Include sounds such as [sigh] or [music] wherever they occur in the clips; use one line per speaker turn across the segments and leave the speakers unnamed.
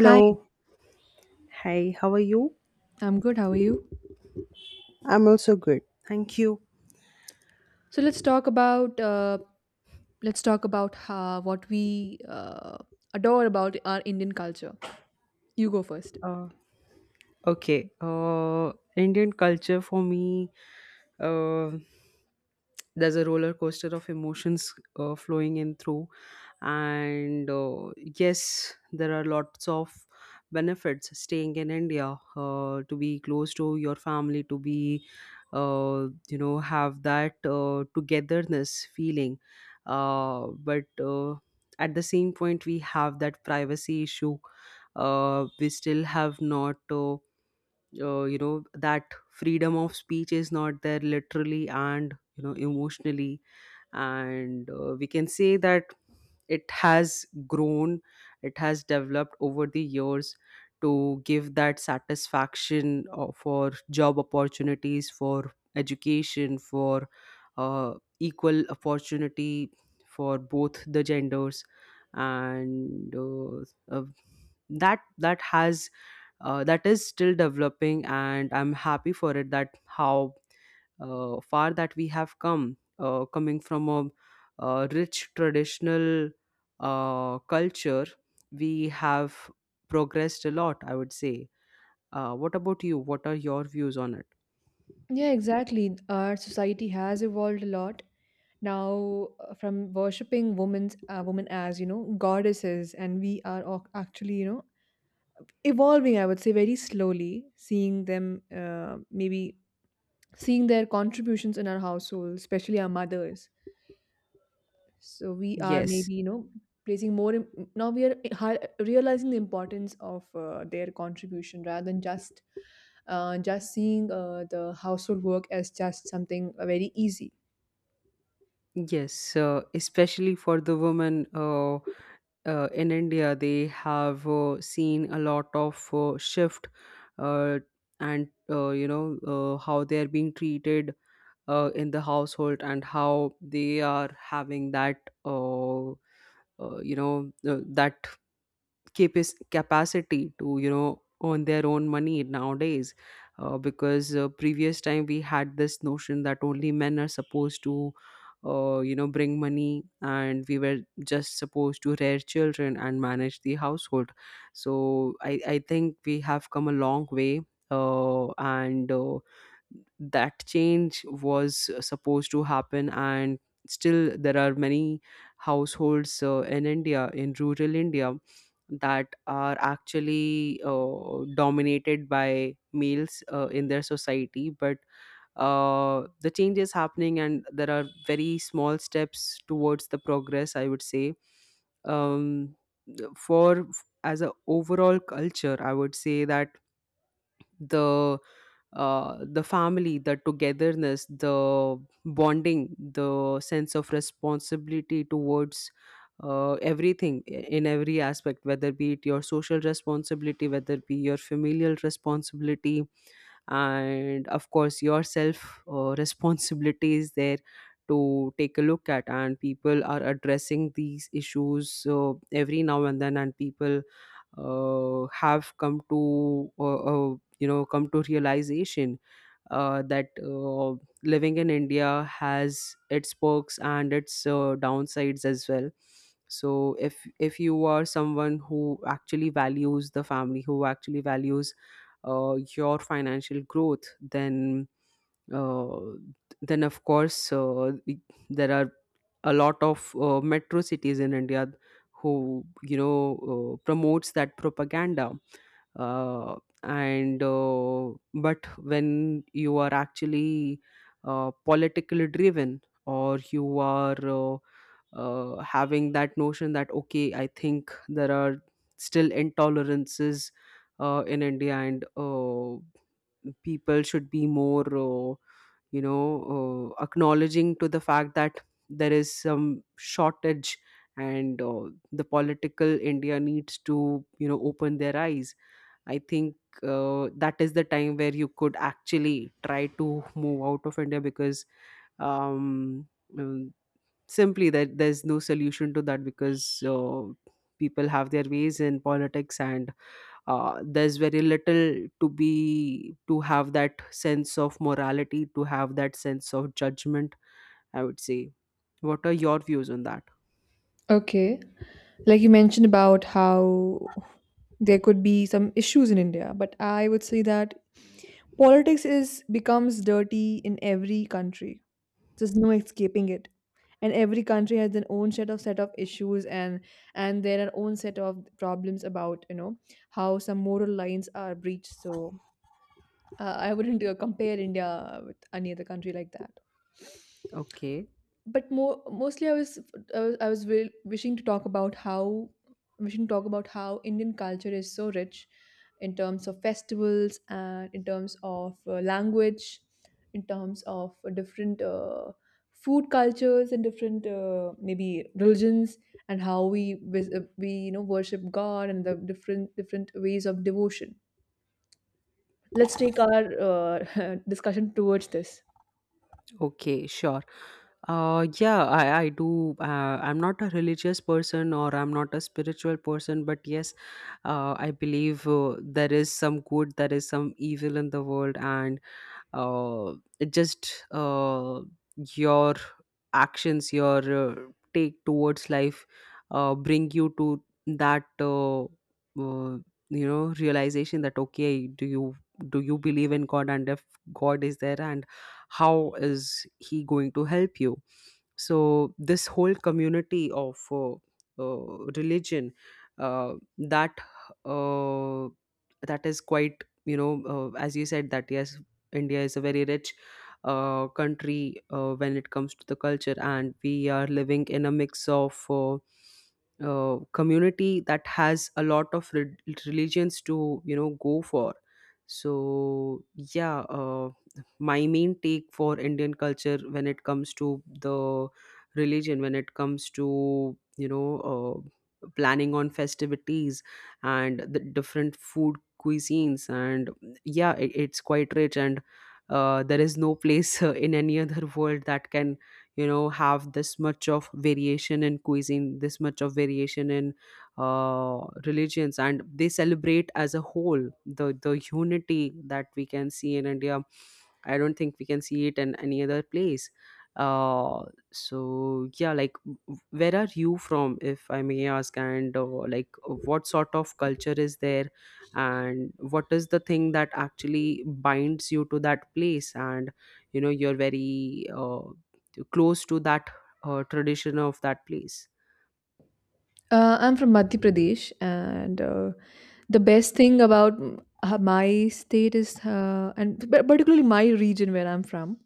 Hi,
Hi, how are you?
I'm good. How are you?
I'm also good. Thank you.
So let's talk about what we adore about our Indian culture. You go first.
Okay. Indian culture for me, uh, there's a roller coaster of emotions flowing in through. And yes there are lots of benefits staying in india, to be close to your family, to be have that togetherness feeling, but at the same point we have that privacy issue. We still have not that freedom of speech is not there, literally and emotionally. And we can say that it has grown, it has developed over the years to give that satisfaction, for job opportunities, for education, for uh, equal opportunity for both the genders. And uh, that has that is still developing, and I'm happy for it that how far that we have come, coming from a, rich traditional culture, we have progressed a lot, I would say. What about you? What are your views on it?
Yeah, exactly. Our society has evolved a lot now from worshipping women as you know goddesses, and we are actually, you know, evolving. I would say very slowly seeing them maybe seeing their contributions in our household, especially our mothers. So we are
Yes,
maybe, you know, now we are realizing the importance of their contribution rather than just seeing the household work as just something very easy.
yes, especially for the women, in India, they have seen a lot of shift, uh, and how they are being treated in the household, and how they are having that uh, uh, you know uh, that capas capacity to earn their own money nowadays. Because previous time we had this notion that only men are supposed to bring money, and we were just supposed to rear children and manage the household. So I think we have come a long way. And that change was supposed to happen, and still there are many households in india, in rural india, that are actually dominated by males in their society. But the change is happening, and there are very small steps towards the progress, I would say. um, for as a overall culture, I would say that the the family, the togetherness, the bonding, the sense of responsibility towards everything in every aspect, whether be it your social responsibility, whether it be your familial responsibility, and of course your self [laughs] responsibility is there to take a look at. And people are addressing these issues every now and then, and people have come to you know come to realization that living in India has its perks and its downsides as well. So if you are someone who actually values the family, who actually values your financial growth, uh, then of course, there are a lot of metro cities in india who you know promotes that propaganda. Uh, and uh, but when you are actually politically driven, or you are having that notion that okay, I think there are still intolerances in india, and people should be more you know acknowledging to the fact that there is some shortage. And uh, the political india needs to open their eyes, I think. That is the time where you could actually try to move out of india, because um, simply that there's no solution to that, because people have their ways in politics, and there's very little to have that sense of morality, to have that sense of judgment, I would say. What are your views on that?
Okay. Like you mentioned about how there could be some issues in India, but I would say that politics is becomes dirty in every country. There's no escaping it. And every country has their own set of issues, and there are own set of problems about, you know, how some moral lines are breached. So I wouldn't compare India with any other country like that,
Okay.
but more mostly I was I was wishing to talk about how Indian culture is so rich in terms of festivals and in terms of language, in terms of different food cultures and different maybe religions, and how we we you know worship god and the different different ways of devotion. Let's take our [laughs] discussion towards this.
Okay. Sure. Yeah, I do I'm not a religious person, or I'm not a spiritual person, but yes, I believe there is some good, there is some evil in the world. And it just your actions, your take towards life bring you to that realization that okay, do you believe in god? And if god is there, and how is he going to help you? So this whole community of religion uh, that uh, that is quite as you said that yes, India is a very rich country when it comes to the culture, and we are living in a mix of community that has a lot of religions to go for. So yeah, my main take for Indian culture, when it comes to the religion, when it comes to planning on festivities and the different food cuisines. And yeah, it's quite rich, and there is no place in any other world that can have this much of variation in cuisine, this much of variation in uh, religions, and they celebrate as a whole the unity that we can see in india. I don't think we can see it in any other place. Uh so yeah, like where are you from, if I may ask? And like what sort of culture is there, and what is the thing that actually binds you to that place, and you're very close to that tradition of that place?
I'm from Madhya Pradesh, and the best thing about my state is, and particularly my region where I'm from,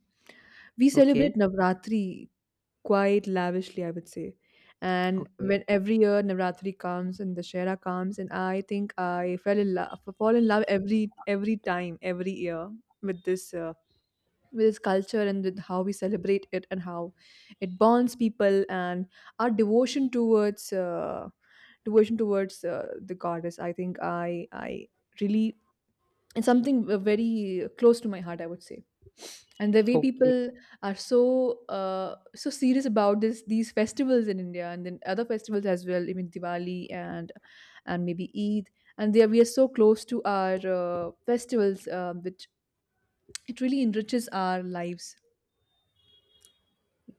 we
okay
celebrate Navratri quite lavishly, I would say. And
okay
when every year Navratri comes and Dashera comes, and I think I fell in love, fall in love every time, every year with this uh, with this culture and with how we celebrate it and how it bonds people and our devotion towards the goddess. I think I really, it's something very close to my heart, I would say. And the way
Okay.
people are so so serious about this these festivals in India and then other festivals as well, even Diwali and maybe Eid, and there we are so close to our festivals which it really enriches our lives.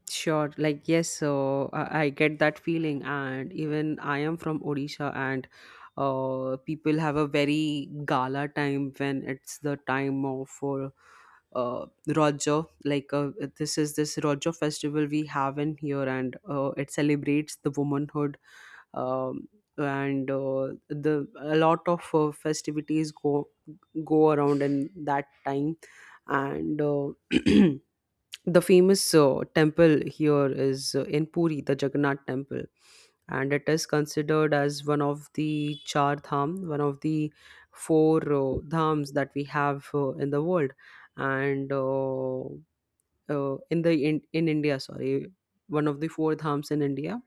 Sure, like yes, so I get that feeling, and even I am from Odisha, and people have a very gala time when it's the time of for Raja. This is this Raja festival we have in here, and it celebrates the womanhood, um, and the a lot of festivities go around in that time, and. [clears throat] The famous temple here is in Puri, the Jagannath temple, and it is considered as one of the char dham, one of the four dhams that we have in the world, and in India, sorry, one of the four dhams in India,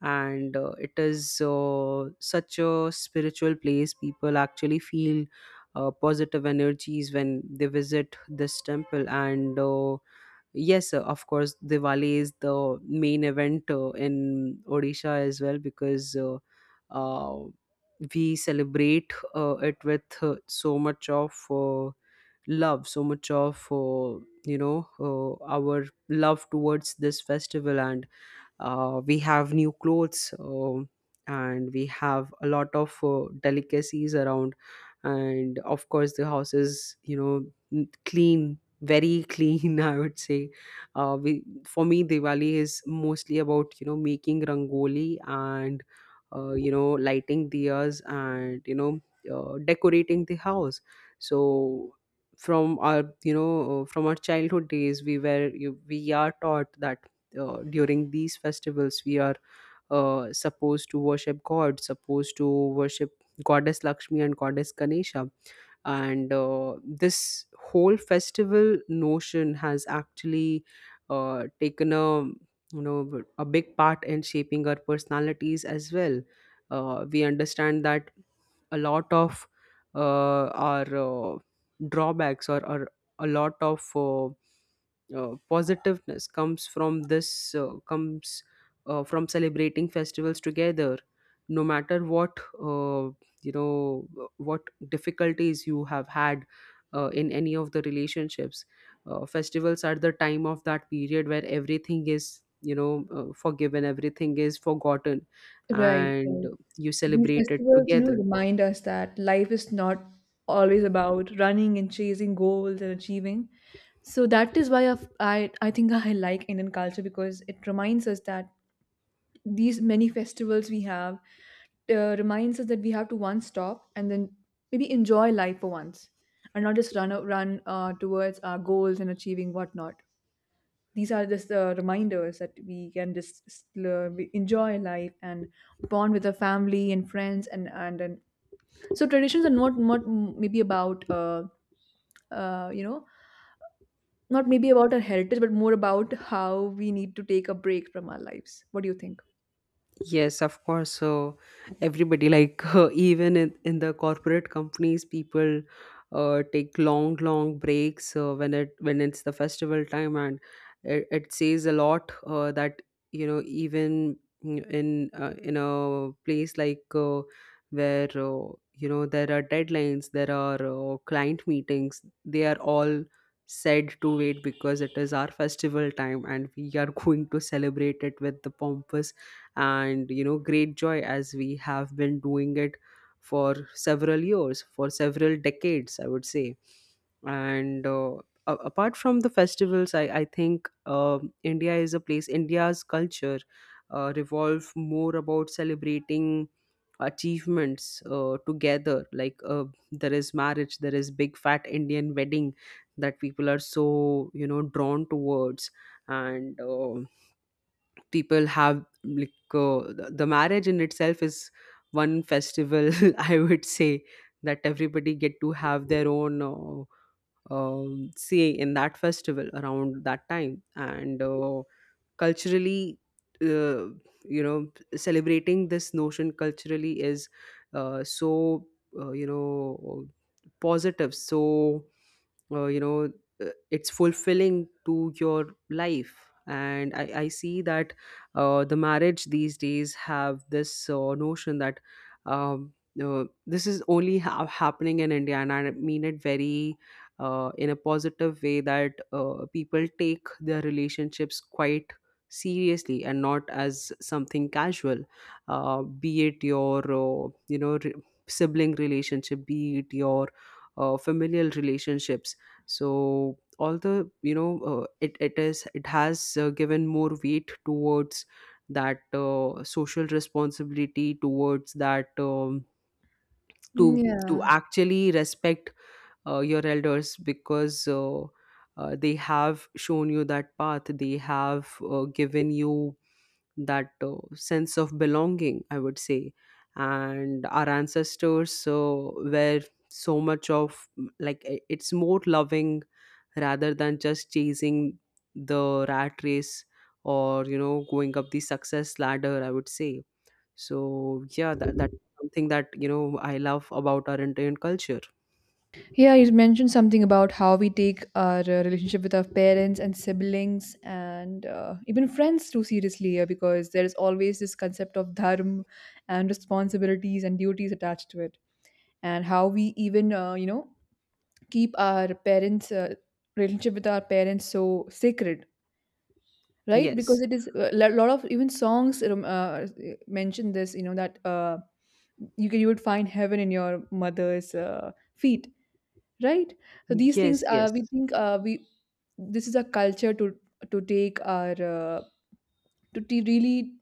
and it is such a spiritual place. People actually feel positive energies when they visit this temple, and yes, of course, Diwali is the main event in Odisha as well, because uh, we celebrate it with so much of love, so much of our love towards this festival. And we have new clothes, and we have a lot of delicacies around, and of course the house is clean, very clean, [laughs] I would say. For me, diwali is mostly about making rangoli, and lighting diyas, and decorating the house. So from our from our childhood days, we are taught that during these festivals we are supposed to worship god, supposed to worship goddess lakshmi and goddess ganesha. And this whole festival notion has actually taken a a big part in shaping our personalities as well. We understand that a lot of our drawbacks, or a lot of positiveness comes from this comes from celebrating festivals together, no matter what you know what difficulties you have had in any of the relationships. Festivals are the time of that period where everything is forgiven, everything is forgotten,
Right,
and
right.
you
These
celebrate it
festivals, you know,
together.
remind us that life is not always about running and chasing goals and achieving. So that is why I've, I think I like Indian culture because it reminds us that these many festivals we have reminds us that we have to once stop and then maybe enjoy life for once and not just run towards our goals and achieving whatnot. These are just reminders that we can just enjoy life and bond with our family and friends and so traditions are not not maybe about you know, not maybe about our heritage, but more about how we need to take a break from our lives. What do you think?
Yes, of course. So everybody, like [laughs] even in the corporate companies, people take long, long breaks when it, when it's the festival time. And it says a lot that even in a place like where there are deadlines, there are client meetings, they are all said to wait, because it is our festival time, and we are [laughs] going to celebrate it with the pompous and great joy, as we have been doing it for several years, for several decades, I would say. and uh, Apart from the festivals, I think india is a place, india's culture revolve more about celebrating achievements together. There is marriage, there is big fat indian wedding, that people are so drawn towards. And people have like the marriage in itself is one festival, [laughs] I would say, that everybody get to have their own say in that festival around that time. And culturally uh, you know celebrating this notion culturally is uh, so uh, you know positive. So uh, you know uh, it's fulfilling to your life, and I see that the marriage these days have this notion that um, this is only happening in india. And I mean it very in a positive way, that people take their relationships quite seriously, and not as something casual, be it your sibling relationship, be it your familial relationships. So all the you know it, it is it has given more weight towards that social responsibility towards that. To
Yeah,
actually respect your elders, because they have shown you that path. They have given you that sense of belonging, I would say. And our ancestors were so much of it's more loving, rather than just chasing the rat race, or going up the success ladder, I would say. So yeah, that's something that I love about our Indian culture.
yeah, you mentioned something about how we take our relationship with our parents and siblings and even friends too seriously, because there is always this concept of dharma and responsibilities and duties attached to it, and how we even you know keep our parents relationship with our parents so sacred, right,
Yes,
because it is a lot of even songs mention this, you know, that you can, you would find heaven in your mother's feet, right? So these things
yes, yes.
we think we this is a culture to take our to really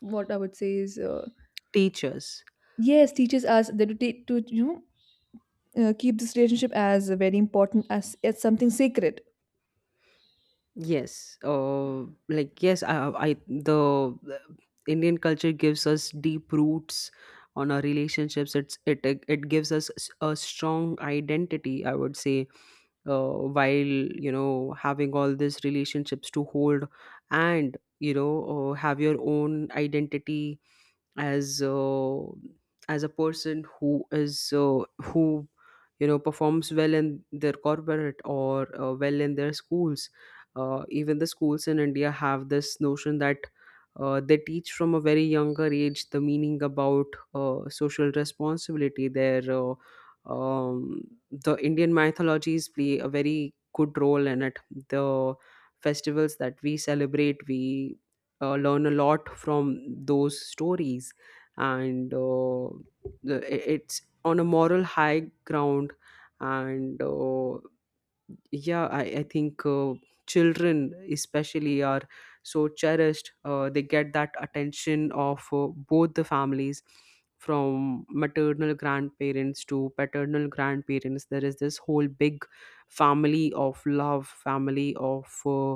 what I would say is
Teachers.
yes, teaches us that to take to you know keep this relationship as very important, as something sacred.
Yes, like yes, I the Indian culture gives us deep roots on our relationships. It's it it it gives us a strong identity, I would say, uh, while having all these relationships to hold, and have your own identity, as uh, as a person who is who performs well in their corporate, or well in their schools. Even the schools in India have this notion that they teach from a very younger age the meaning about social responsibility. Um, the Indian mythologies play a very good role in it. The festivals that we celebrate, we learn a lot from those stories. And it's on a moral high ground. And yeah, I think children especially are so cherished. They get that attention of both the families, from maternal grandparents to paternal grandparents. There is this whole big family of love, family of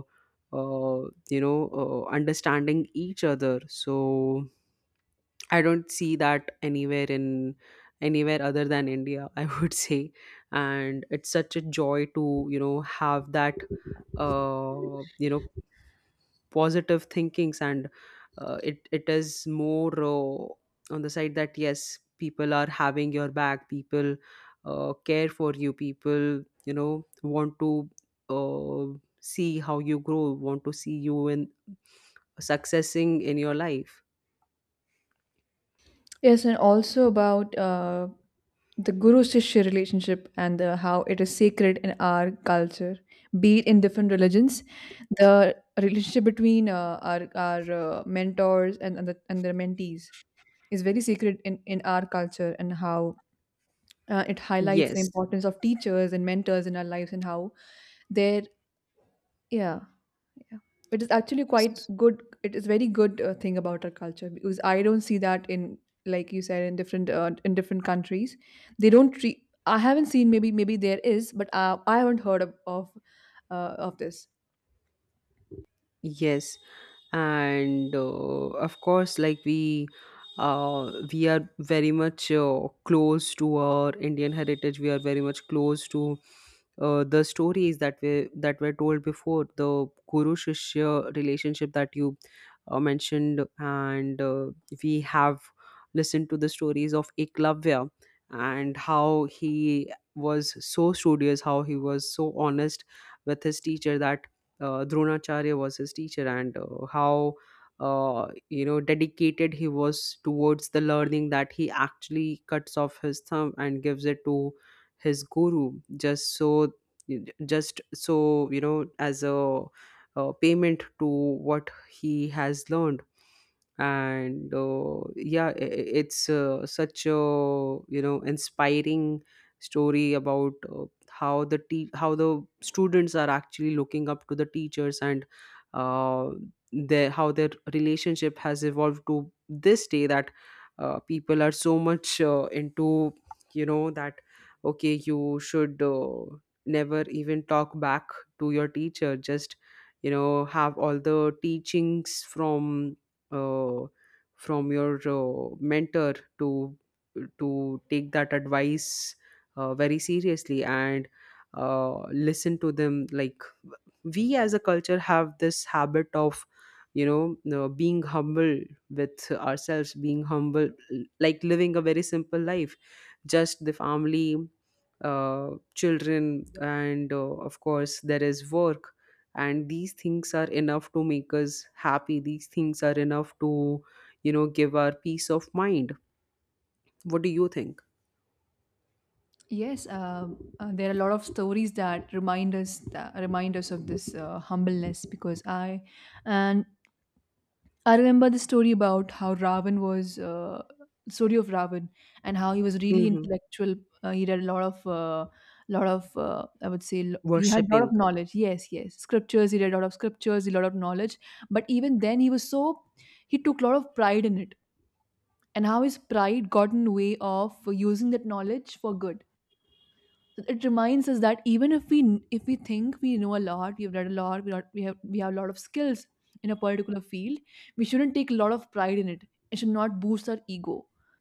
uh, you know understanding each other. So I don't see that anywhere, in anywhere other than India, [laughs] I would say. And it's such a joy to, you know, have that uh, you know, positive thinkings. And it is more on the side that yes, people are having your back, people care for you, people, want to see how you grow, want to see you in successing in your life.
Yes, and also about the guru shishya relationship and how it is sacred in our culture, be it in different religions. The relationship between our mentors and, and their mentees is very sacred in our culture, and how it highlights the
Yes.
importance of teachers and mentors in our lives and how their, yeah, yeah. It is actually quite good. It is very good thing about our culture because I don't see that in, like you said, in different countries. They don't treat. I haven't seen, maybe there is, but I haven't heard of this.
Yes, and of course, like we are very much close to our Indian heritage. We are very much close to the stories that were told before, the Guru Shishya relationship that you mentioned. And we have listened to the stories of Eklavya, and how he was so studious, how he was so honest with his teacher, that Dronacharya was his teacher. And how dedicated he was towards the learning, that he actually cuts off his thumb and gives it to his guru. Just so, just so, as a payment to what he has learned. And yeah, it's such a inspiring story about how the students are actually looking up to the teachers, and uh, their how their relationship has evolved to this day, that people are so much into that, okay, you should never even talk back to your teacher, just have all the teachings from uh, your mentor, to take that advice very seriously, and listen to them. Like, we as a culture have this habit of being humble with ourselves, being humble, like living a very simple life. Just the family, uh, children, and of course, there is work. And these things are enough to make us happy, these things are enough to give our peace of mind. What do you think?
Yes, there are a lot of stories that remind us of this humbleness because I and I remember the story about how Ravan was story of Ravan and how he was really
Hmm.
intellectual. He read a lot of I would say he had a lot of
Worshipping.
knowledge. Yes, yes, scriptures. He read a lot of scriptures, a lot of knowledge. But even then, he was so he took a lot of pride in it, and how his pride got in the way of using that knowledge for good. So it reminds us that even if we think we know a lot, we've read a lot, we have a lot of skills in a particular field, we shouldn't take a lot of pride in it. It should not boost our ego,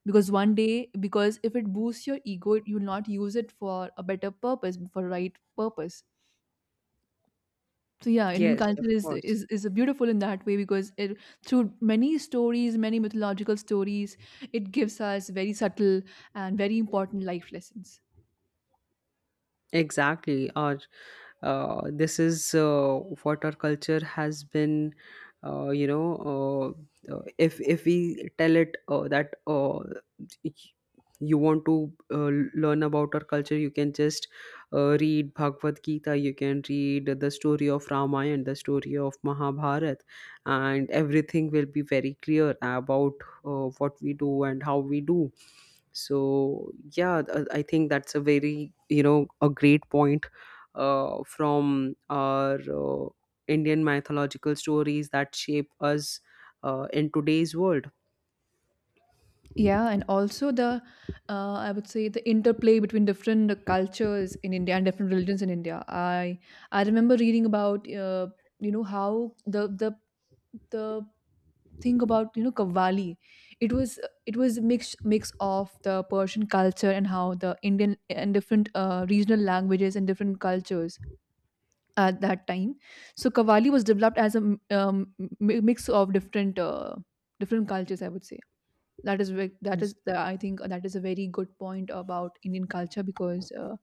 because one day because if it boosts your ego you will not use it for a better purpose, for right purpose. So yeah, Indian
Yes, of
culture
course.
is a beautiful in that way because it through many stories, many mythological stories, it gives us very subtle and very important life lessons.
Exactly. Or this is what our culture has been. Uh, you know, if we tell it, that y- you want to learn about our culture, you can just read Bhagavad Gita. You can read the story of Ramayana, the story of Mahabharata, and everything will be very clear about what we do and how we do. So yeah, I think that's a very, you know a great point from our Indian mythological stories that shape us in today's world.
Yeah, and also the, I would say the interplay between different cultures in India and different religions in India. I remember reading about you know how the thing about, you know, Kavali, it was it was a mix of the Persian culture and how the Indian and different regional languages and different cultures at that time. So Kavali was developed as a mix of different different cultures, I would say. That is that is the, I think that is a very good point about Indian culture because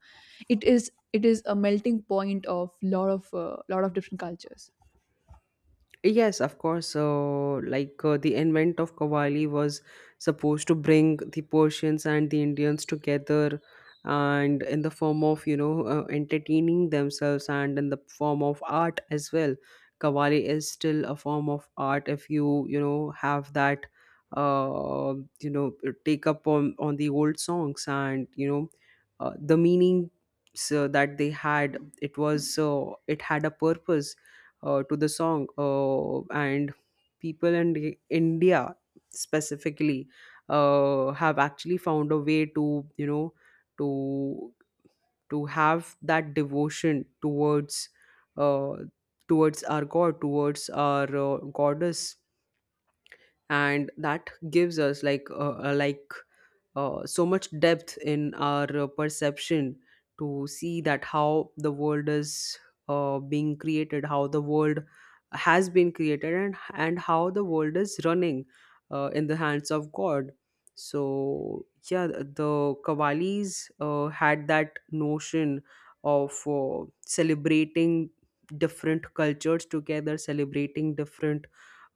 it is a melting point of lot of lot of different cultures.
Yes, of course. Like, the invent of Qawwali was supposed to bring the Persians and the Indians together, and in the form of entertaining themselves, and in the form of art as well. Qawwali is still a form of art, if you you know have that uh, you know take up on the old songs, and the meaning. So that they had, it was it had a purpose to the song. And people in India specifically have actually found a way to you know to to have that devotion towards, uh, towards our god, towards our goddess. And that gives us, like, so much depth in our perception to see that how the world is being created, how the world has been created, and how the world is running, in the hands of God. So yeah, the Kavalis had that notion of celebrating different cultures together, celebrating different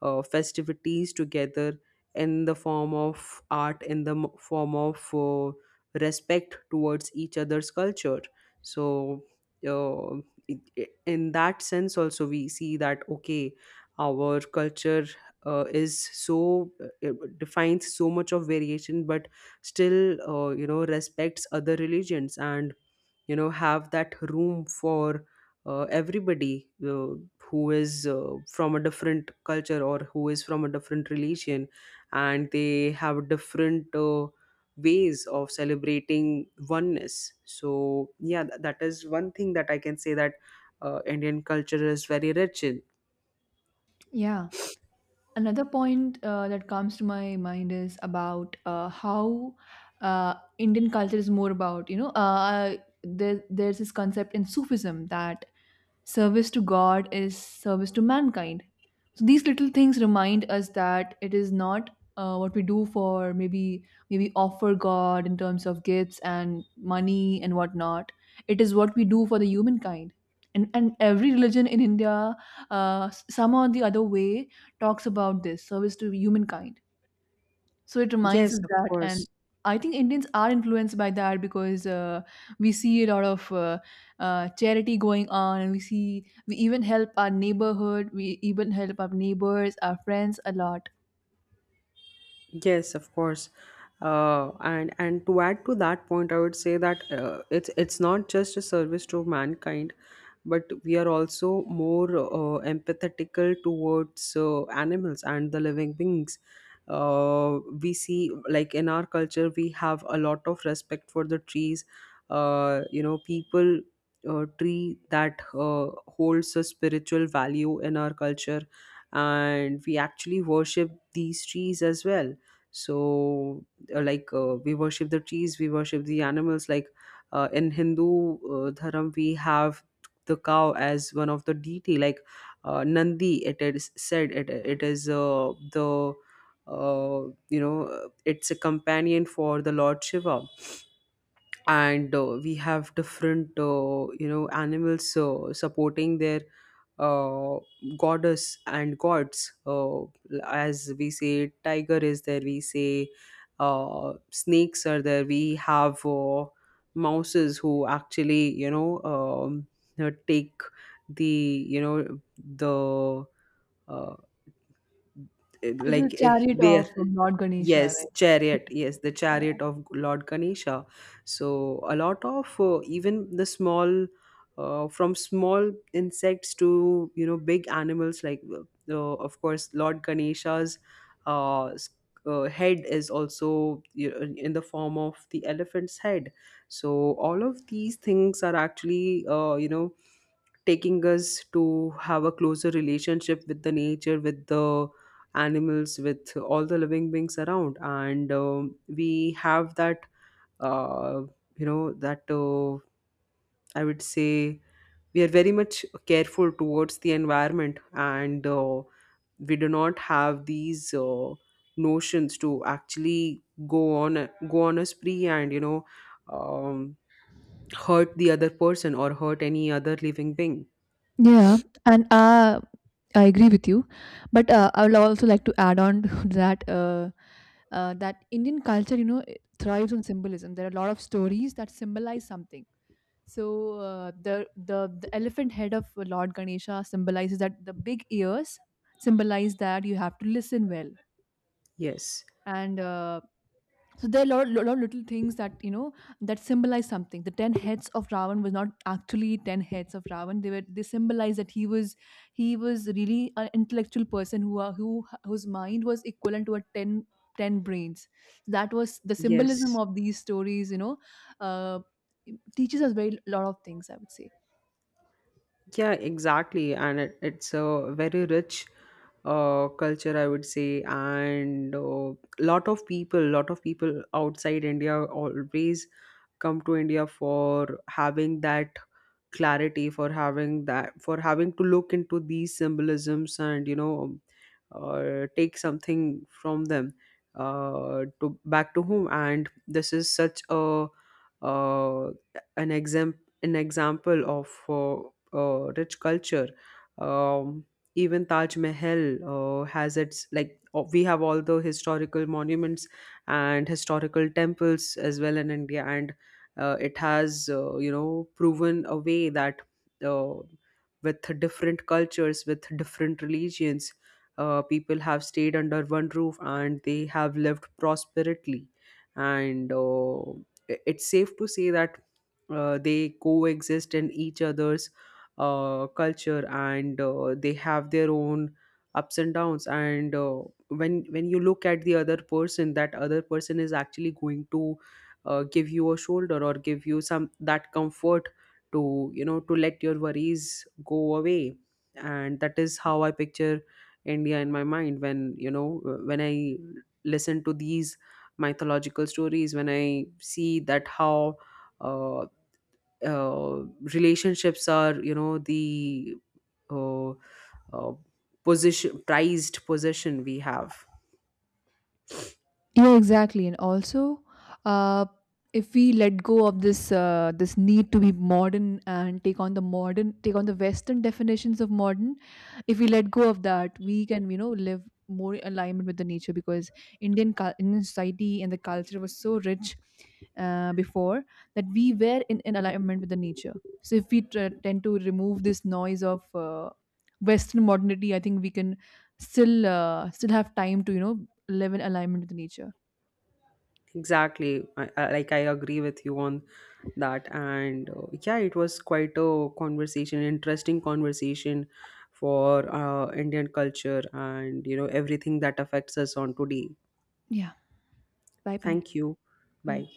festivities together, in the form of art, in the form of respect towards each other's culture. So, uh, in that sense, also, we see that, okay, our culture is so, it defines so much of variation, but still, you know, respects other religions, and have that room for everybody, who is from a different culture, or who is from a different religion, and they have different ways of celebrating oneness. So yeah, that is one thing that I can say, that Indian culture is very rich in.
Yeah. Another point that comes to my mind is about how uh, Indian culture is more about, you know, there, there's this concept in Sufism that service to God is service to mankind. So these little things remind us that it is not what we do for maybe offer God in terms of gifts and money and whatnot. It is what we do for the humankind. And every religion in India, somehow or the other way, talks about this service to humankind, so it reminds
Yes,
us
of
that, and
course.
I think Indians are influenced by that because we see a lot of charity going on, and we see we even help our neighborhood, we even help our neighbors, our friends a lot.
Yes, of course. And to add to that point, I would say that it's not just a service to mankind, but we are also more empathetical towards animals and the living beings. We see, like, in our culture, we have a lot of respect for the trees. People, tree that holds a spiritual value in our culture, and we actually worship these trees as well. So like, we worship the trees, we worship the animals. Like, in Hindu dharam, we have the cow as one of the deity. Like, Nandi, it is said, it is the uh, you know it's a companion for the Lord Shiva. And we have different animals supporting their uh, goddess and gods. As we say, tiger is there. We say snakes are there. We have mouses who actually, take the, the uh,
It is a chariot
they.
of Lord Ganesha,
Yes,
right?
chariot. Yes, the
Yeah.
chariot of Lord Ganesha. So a lot of even the small, from small insects to big animals, like, of course, Lord Ganesha's uh, s- head is also, in the form of the elephant's head. So all of these things are actually taking us to have a closer relationship with the nature, with the animals, with all the living beings around. And we have that uh, you know that uh, I would say, we are very much careful towards the environment. And we do not have these notions to actually go on a spree, and um, hurt the other person, or hurt any other living being.
Yeah, and I agree with you, but I would also like to add on [laughs] to that Indian culture, you know, it thrives on symbolism. There are a lot of stories that symbolize something. So the elephant head of Lord Ganesha symbolizes that the big ears symbolize that you have to listen well.
Yes,
And so there are a lot, lot, lot little things that you know that symbolize something. The ten heads of Ravan was not actually ten heads of Ravan. They were they symbolize that he was really an intellectual person who are, who whose mind was equivalent to a 10 brains. That was the symbolism
yes.
of these stories. You know, uh, teaches us very lot of things, I would say.
Yeah, exactly. And it's a very rich culture, I would say. And a lot of people outside India always come to India for having that clarity, for having that, for having to look into these symbolisms, and, take something from them to back to home. And this is such a uh, an example, an example of rich culture. Um, Even Taj Mahal has its, we have all the historical monuments and historical temples as well in India. And it has proven a way that, uh, with different cultures, with different religions, people have stayed under one roof, and they have lived prosperously. And it's safe to say that they coexist in each other's culture, and they have their own ups and downs. And when you look at the other person, that other person is actually going to give you a shoulder, or give you some that comfort to, to let your worries go away. And that is how I picture India in my mind, when when I listen to these mythological stories, when I see that how uh, uh, relationships are, the uh, uh, position, prized possession we have.
Yeah, exactly. And also, uh, if we let go of this this need to be modern and take on the modern, take on the Western definitions of modern, if we let go of that, we can you know live more in alignment with the nature because Indian society and the culture was so rich before that we were in alignment with the nature. So if we tr tend to remove this noise of Western modernity, I think we can still still have time to you know live in alignment with nature.
Exactly. Like, I agree with you on that. And yeah, it was quite a conversation, interesting conversation, for Indian culture, and everything that affects us on today.
Yeah. Bye bye.
Thank you. Bye.
Bye.